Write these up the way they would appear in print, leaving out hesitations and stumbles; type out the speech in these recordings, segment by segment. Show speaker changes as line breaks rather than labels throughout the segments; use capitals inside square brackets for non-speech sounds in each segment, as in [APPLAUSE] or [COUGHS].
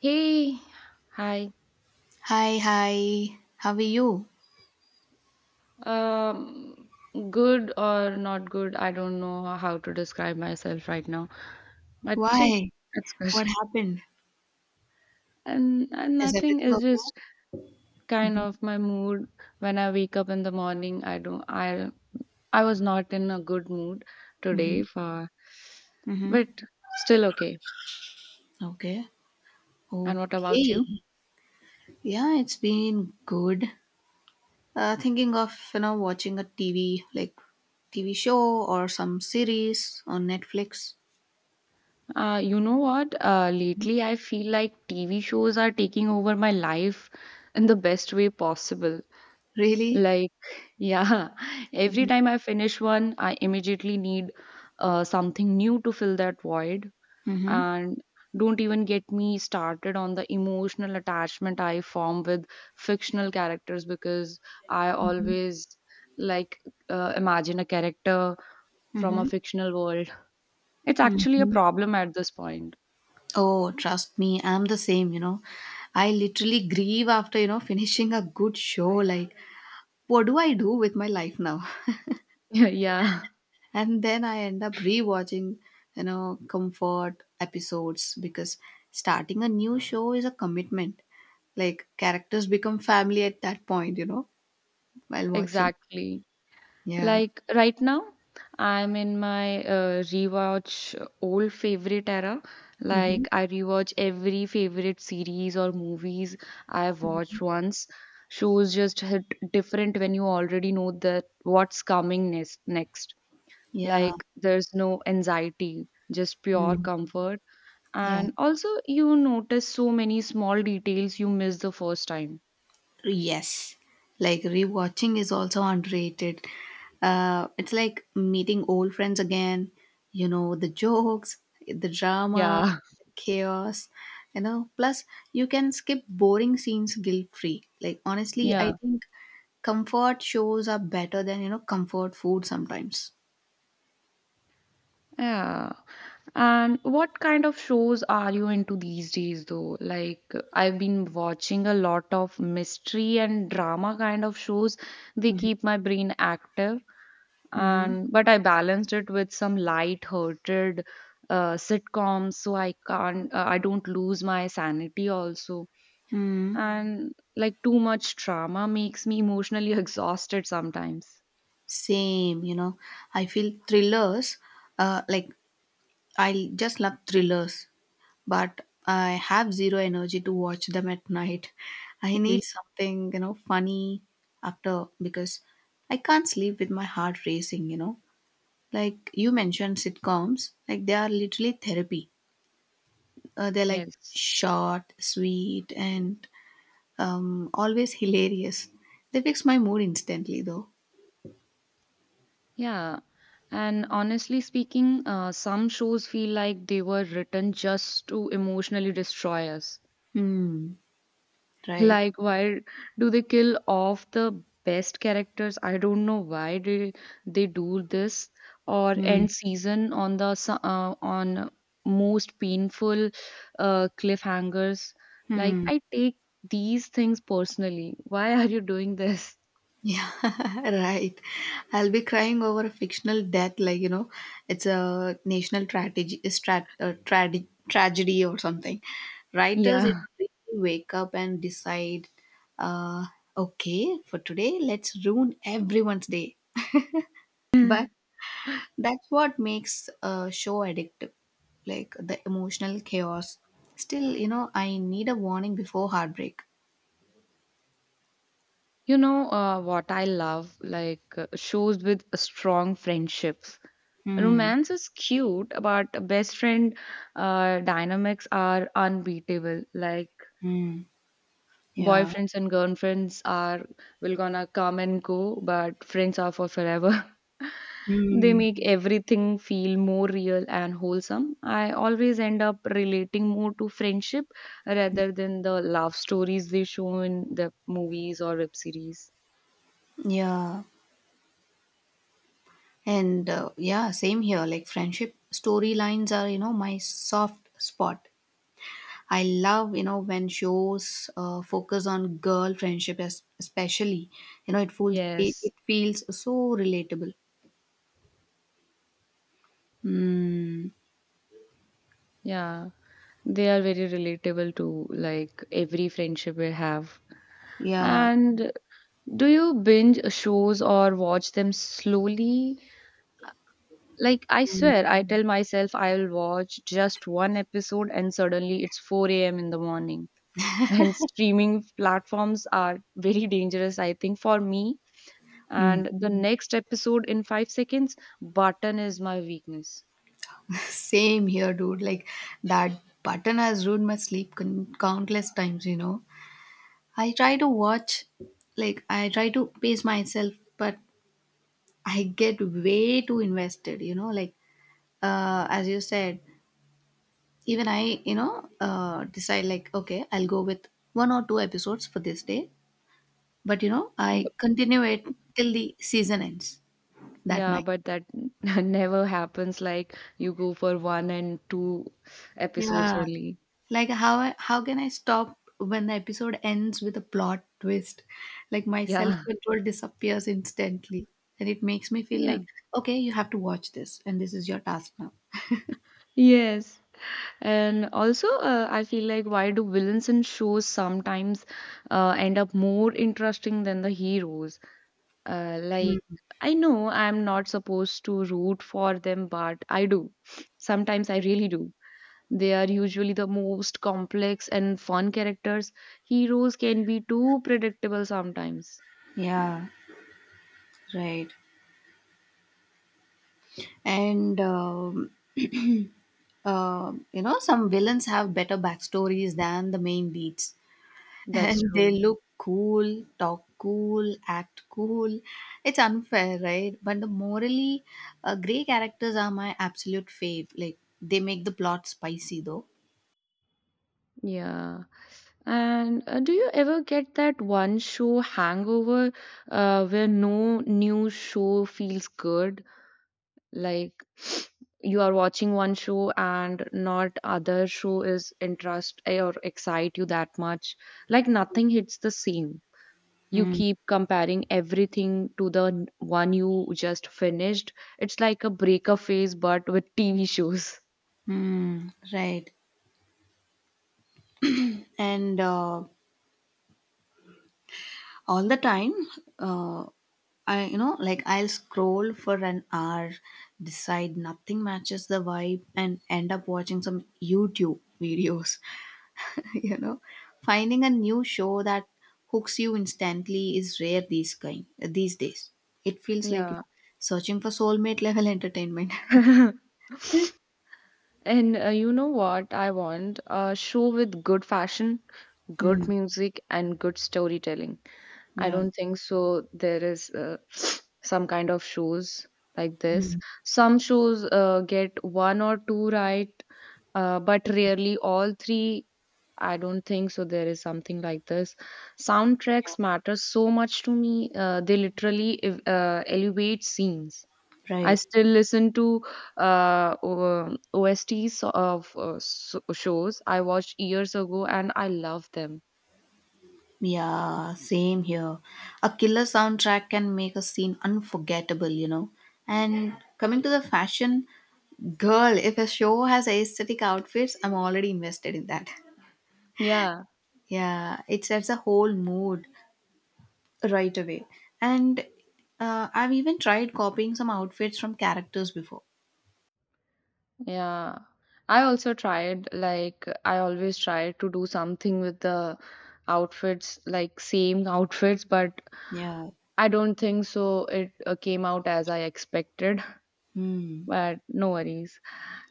Hey, hi.
Hi, hi. How are you?
Um, Good or not good? I don't know how to describe myself right now, but see,
Why?
it's good.
What
[LAUGHS]
happened?
And
Is
nothing
everything
is
okay?
just kind
Mm-hmm.
of my mood. When I wake up in the morning, I don't. I was not in a good mood
Mm-hmm.
today for,
Mm-hmm.
but still okay.
Okay.
And what about
Okay.
you?
Yeah, it's been good. Thinking of, watching a TV, like TV show or some series on Netflix.
You know what? Lately I feel like TV shows are taking over my life in the best way possible.
Really?
Like, yeah, [LAUGHS] every
Mm-hmm.
time I finish one, I immediately need something new to fill that void.
Mm-hmm.
And don't even get me started on the emotional attachment I form with fictional characters because I always like imagine a character from a
Mm-hmm.
fictional world. It's actually a
Mm-hmm.
problem at this point.
Oh, trust me, I'm the same. I literally grieve after, [LAUGHS] finishing a good show. Like, what do I do with my life now?
[LAUGHS] Yeah,
And then I end up rewatching, comfort episodes, because starting a new show is a commitment. Like characters become family at that point while watching.
exactly.
Yeah.
Like right now, I'm in my rewatch old favorite era.
Hmm.
Like I rewatch every favorite series or movies I've watched once. Shows just hit different when you already know that what's coming next,
Yeah.
like there's no anxiety, just pure
Mm.
comfort.
Yeah.
And also, you notice so many small details you miss the first time.
Yes, like rewatching is also underrated. It's like meeting old friends again, the jokes, the drama,
Yeah,
chaos, Plus, you can skip boring scenes guilt free. Like,
[LAUGHS]
honestly, I
yeah.
think comfort shows are better than, comfort food sometimes.
Yeah. And what kind of shows are you into these days though? Like I've been watching a lot of mystery and drama kind of shows. They keep my brain active
Mm-hmm.
and but I balanced it with some light-hearted sitcoms so I can't I don't lose my sanity also.
Mm,
And like too much drama makes me emotionally [LAUGHS] exhausted sometimes.
same. I feel thrillers, uh, like I just love thrillers. But I have zero energy to watch them at night. I need
[LAUGHS]
something, funny after, because I can't sleep with my heart racing. Like you mentioned sitcoms, like they are literally therapy. They're like
Yes.
short, sweet, and always hilarious. They fix my mood instantly, though.
Yeah, and honestly speaking, some shows feel like they were written just to emotionally destroy us.
Hmm, right.
Like, why do they kill off the best characters? I don't know why they do this or
Hmm,
end season on the on most painful cliffhangers. Like,
hmm.
I take these things personally. Why are you doing this?
Yeah, [LAUGHS] right. I'll be crying over a fictional death, like it's a national tragedy, tragedy or something. Writers,
Yeah.
really wake up and decide, uh, okay, for today, let's ruin everyone's day. But
[LAUGHS]
that's what makes a show addictive, like the emotional chaos. Still, I need a warning before heartbreak.
You know what I love? Like shows with strong friendships.
Hmm.
Romance is cute, but best friend dynamics are unbeatable. Like
Hmm. Yeah.
boyfriends and girlfriends are will gonna come and go, but friends are for forever. [LAUGHS] They
Hmm.
make everything feel more real and wholesome. I always end up relating more to friendship rather than the love stories they show in the movies or web series.
Yeah. And yeah, same here. Like friendship storylines are, my soft spot. I love, when shows focus on girl friendship, especially.
Yes.
It feels so relatable. Mm,
Yeah, they are very relatable to like every friendship we have.
yeah.
And do you binge shows or watch them slowly? Like, I swear,
Mm,
I tell myself I'll watch just one episode and suddenly it's 4 a.m. in the morning. [LAUGHS] And streaming platforms are very dangerous, I think, for me.
mm.
And the next episode in 5 seconds, button is my weakness.
[LAUGHS] Same here, dude. Like that button has ruined my sleep countless times, you know. I try to watch, I try to pace myself, but I get way too invested, Like, as you said, even I decide like okay, I'll go with one or two episodes for this day, but I continue it till the season ends that
Yeah,
night.
but that [LAUGHS] never happens. Like you go for one and two episodes
Yeah,
only.
like how can I stop when the episode ends with a plot twist? Like my self
Yeah,
control disappears instantly, and it makes me
[LAUGHS]
feel
yeah,
like, okay, you have to watch this and this is your task now.
yes. And also, I feel like why do villains in shows sometimes end up more interesting than the heroes? Like I know I'm not supposed to root for them, but I do. Sometimes I really do. They are usually the most complex and fun characters. Heroes can be too predictable sometimes.
Yeah, right. And [CLEARS THROAT] you know, some villains have better backstories than the main leads, [LAUGHS]
That's
and they
true.
look cool, talk cool, act cool. It's unfair, right? But the morally gray characters are my absolute fave, like they make the plot spicy, though.
Yeah. And do you ever get that one show hangover where no new show feels good? Like [SNIFFS] you are watching one show and not other show is interest or excite you that much. Like nothing hits the same. You keep comparing everything to the one you just finished. It's like a breakup phase, but with TV shows.
Mm-hmm. Right. And all the time. Uh, I you know like I'll scroll for an hour, decide nothing matches the vibe, and end up watching some YouTube videos, [LAUGHS] you know finding a new show that hooks you instantly is rare these days. It feels like,
Yeah.
searching for soulmate level entertainment.
[LAUGHS]
[LAUGHS]
And you know what I want? A show with good fashion, good
Hmm.
music, and good storytelling. I
Yeah.
don't think so. There is [SNIFFS] some kind of shows like this.
Hmm.
Some shows get one or two right, but rarely all three. I don't think so. There is something like this. Soundtracks matter so much to me. They literally elevate scenes.
Yeah,
I
right.
still listen to OSTs of shows I watched years ago and I love them.
Yeah, same here. A killer soundtrack can make a scene unforgettable, And coming to the fashion, girl, if a show has aesthetic outfits, I'm already invested in that.
Yeah,
Yeah, it sets a whole mood right away. And I've even tried copying some outfits from characters before.
yeah. I also tried, like, I always try to do something with the outfits, like, same [LAUGHS] outfits, but
Yeah.
I don't think so. It came out as I expected,
Hmm.
[LAUGHS] but no worries.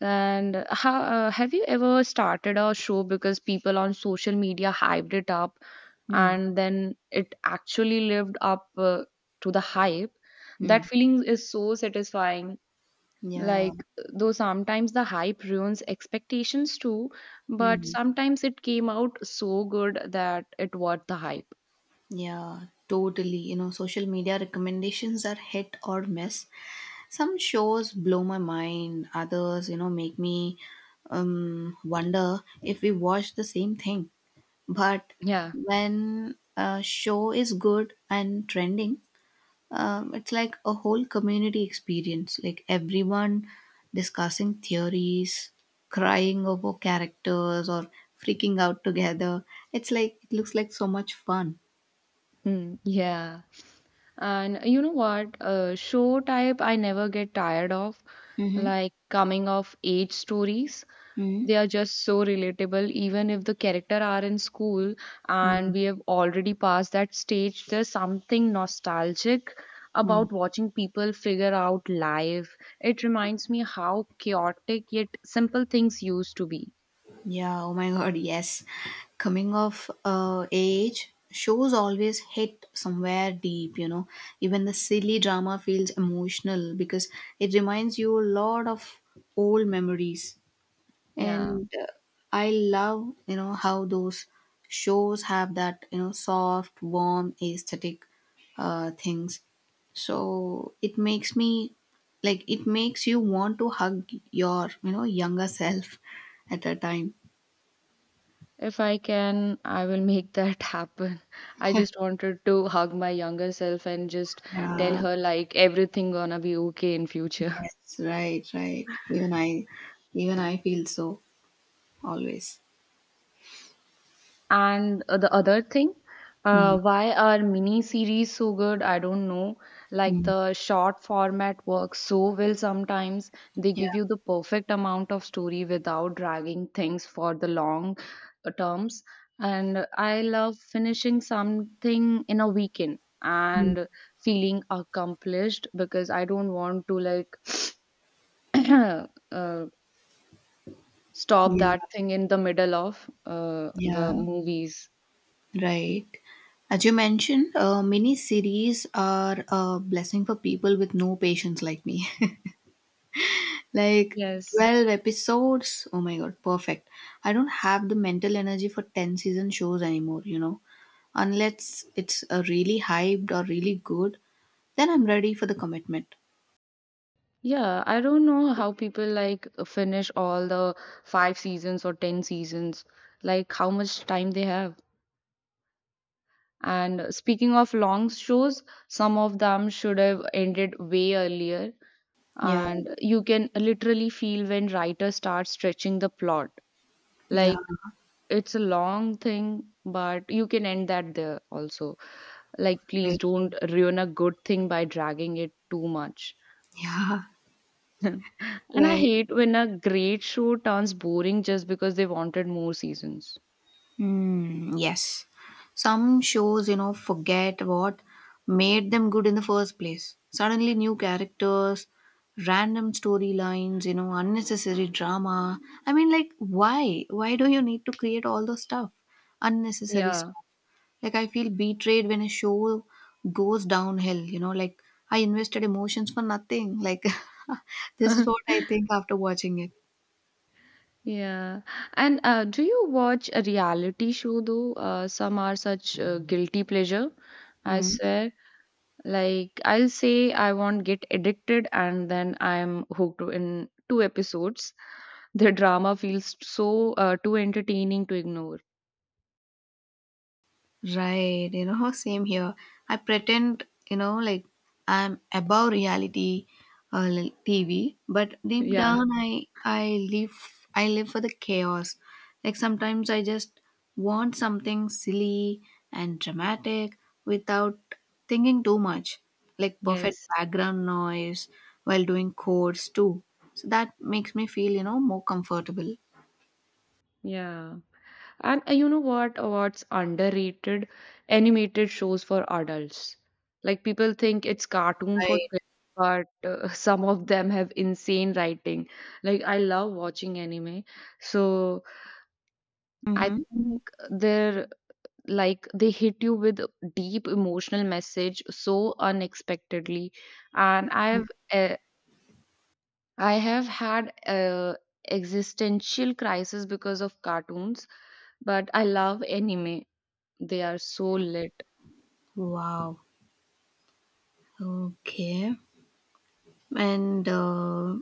And how have you ever started a show because people on social media hyped it up
Hmm.
and then it actually lived up to the hype?
Hmm.
That feeling is so satisfying,
Yeah.
like though sometimes the hype ruins expectations too, but
Hmm.
sometimes it came out so good that it worth the hype.
Yeah. Totally. You know, social media recommendations are hit or miss. Some shows blow my mind, others make me wonder if we watch the same thing. But
Yeah.
when a show is good and trending, it's like a whole community experience, like everyone discussing theories, crying over characters, or freaking out together. It looks like so much fun.
Hmm, yeah. And you know what show type I never get tired of?
Mm-hmm.
Like coming of age stories. They are just so relatable, even if the character are in school
Mm-hmm.
and we have already passed that stage. There's something nostalgic about watching people figure out life. It reminds me how chaotic yet simple things used to be.
Yeah, oh my god, yes. Coming of age shows always hit somewhere deep, Even the silly drama feels emotional because it reminds you a lot of old memories.
Yeah.
And I love, how those shows have that, soft, warm, aesthetic things. So it makes me it makes you want to hug your, younger self at a time.
If I can, I will make that [LAUGHS] happen. I just wanted to hug my younger self and just tell
Yeah,
her like everything gonna be okay in future.
yes, right, right. Even I feel so, always.
And the other thing,
Mm,
why are mini series so good? I don't know. Like
mm,
the short format works so well sometimes. They
yeah,
give you the perfect amount of story without dragging things for the long terms. And I love finishing something in a weekend
mm,
and feeling accomplished because I don't want to like [COUGHS] [CLEARS THROAT] uh, stop
yeah,
that thing in the middle of the
yeah,
movies.
right. As you mentioned, mini series are a blessing for people with no patience like me. [LAUGHS] Like
Yes.
12 episodes, oh my god, perfect. I don't have the mental energy for 10 season shows anymore, Unless it's a really hyped or really good, then I'm ready for the commitment.
Yeah, I don't know how people like finish all the five seasons or 10 seasons, like how much time they have. And speaking of long shows, some of them should have ended way earlier.
Yeah,
And you can literally feel when writers start stretching the plot.
yeah,
Like it's a long thing, but you can end that there also. Like, please
right.
don't ruin a good thing by dragging it too much.
[LAUGHS] Yeah.
[LAUGHS] And I
Right.
hate when a great show turns boring just because they wanted more seasons.
Hmm. Yes. Some shows, forget what made them good in the first place. Suddenly, new characters, random storylines, unnecessary drama. I mean, like, why? Why do you need to create all those stuff? Unnecessary
Yeah.
stuff. Like, I feel betrayed when a show goes downhill, I invested emotions for nothing. Like, [LAUGHS] this is what I
[LAUGHS]
think after watching it.
Yeah. And do you watch a reality show though? Some are such guilty pleasure, I
Hmm.
swear. Like I'll say I won't get addicted and then I'm hooked in two episodes. The drama feels so too entertaining to ignore.
Right, same here. I pretend, I'm above reality, TV, but
[LAUGHS]
deep
Yeah.
down, I live. I live for the chaos. Like sometimes I just want something silly and dramatic without thinking too much, like perfect
Yes.
background noise while doing chords too. So that makes me feel, more comfortable.
Yeah. And you know what? What's underrated animated shows for adults. Like people think it's cartoon for
Right.
kids, but [LAUGHS] some of them have insane writing. Like I love watching anime, so I
Mm-hmm.
think they're like they hit you with a deep emotional message so unexpectedly. And I have had existential crisis because of cartoons, but I love anime. They are so lit.
Wow. Okay. And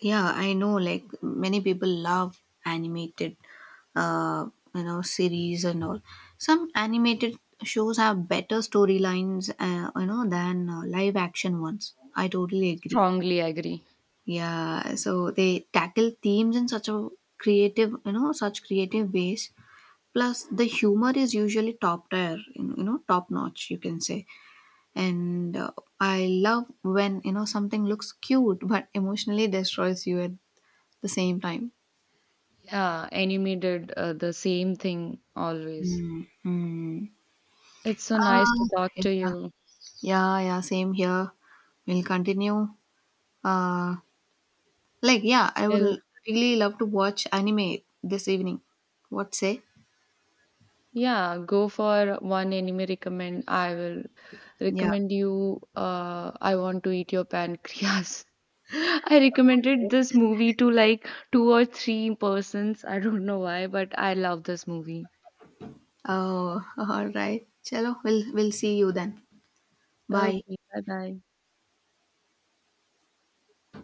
yeah, I know like many people love animated, uh, series and all. Some animated shows have better storylines, than live action ones. I totally agree.
Strongly agree.
Yeah, so they tackle themes in such a creative, such creative ways. Plus, the humor is usually top tier, top notch, you can say. And I love when something looks cute but emotionally destroys you at the same time.
Yeah, anime did the same thing always.
Mm, mm.
It's so nice
uh,
to talk to
yeah,
you.
yeah, yeah, same here. We'll continue, uh like, yeah,
Till
really love to watch anime this evening. What say?
yeah, go for one anime recommend. I will
Yeah.
recommend you. I want to eat your pancreas. [LAUGHS] I recommended this movie to like two or three persons. I don't know why, but I love this movie.
Oh, [LAUGHS] all right, chalo, we'll see you then. Bye.
Okay, bye bye.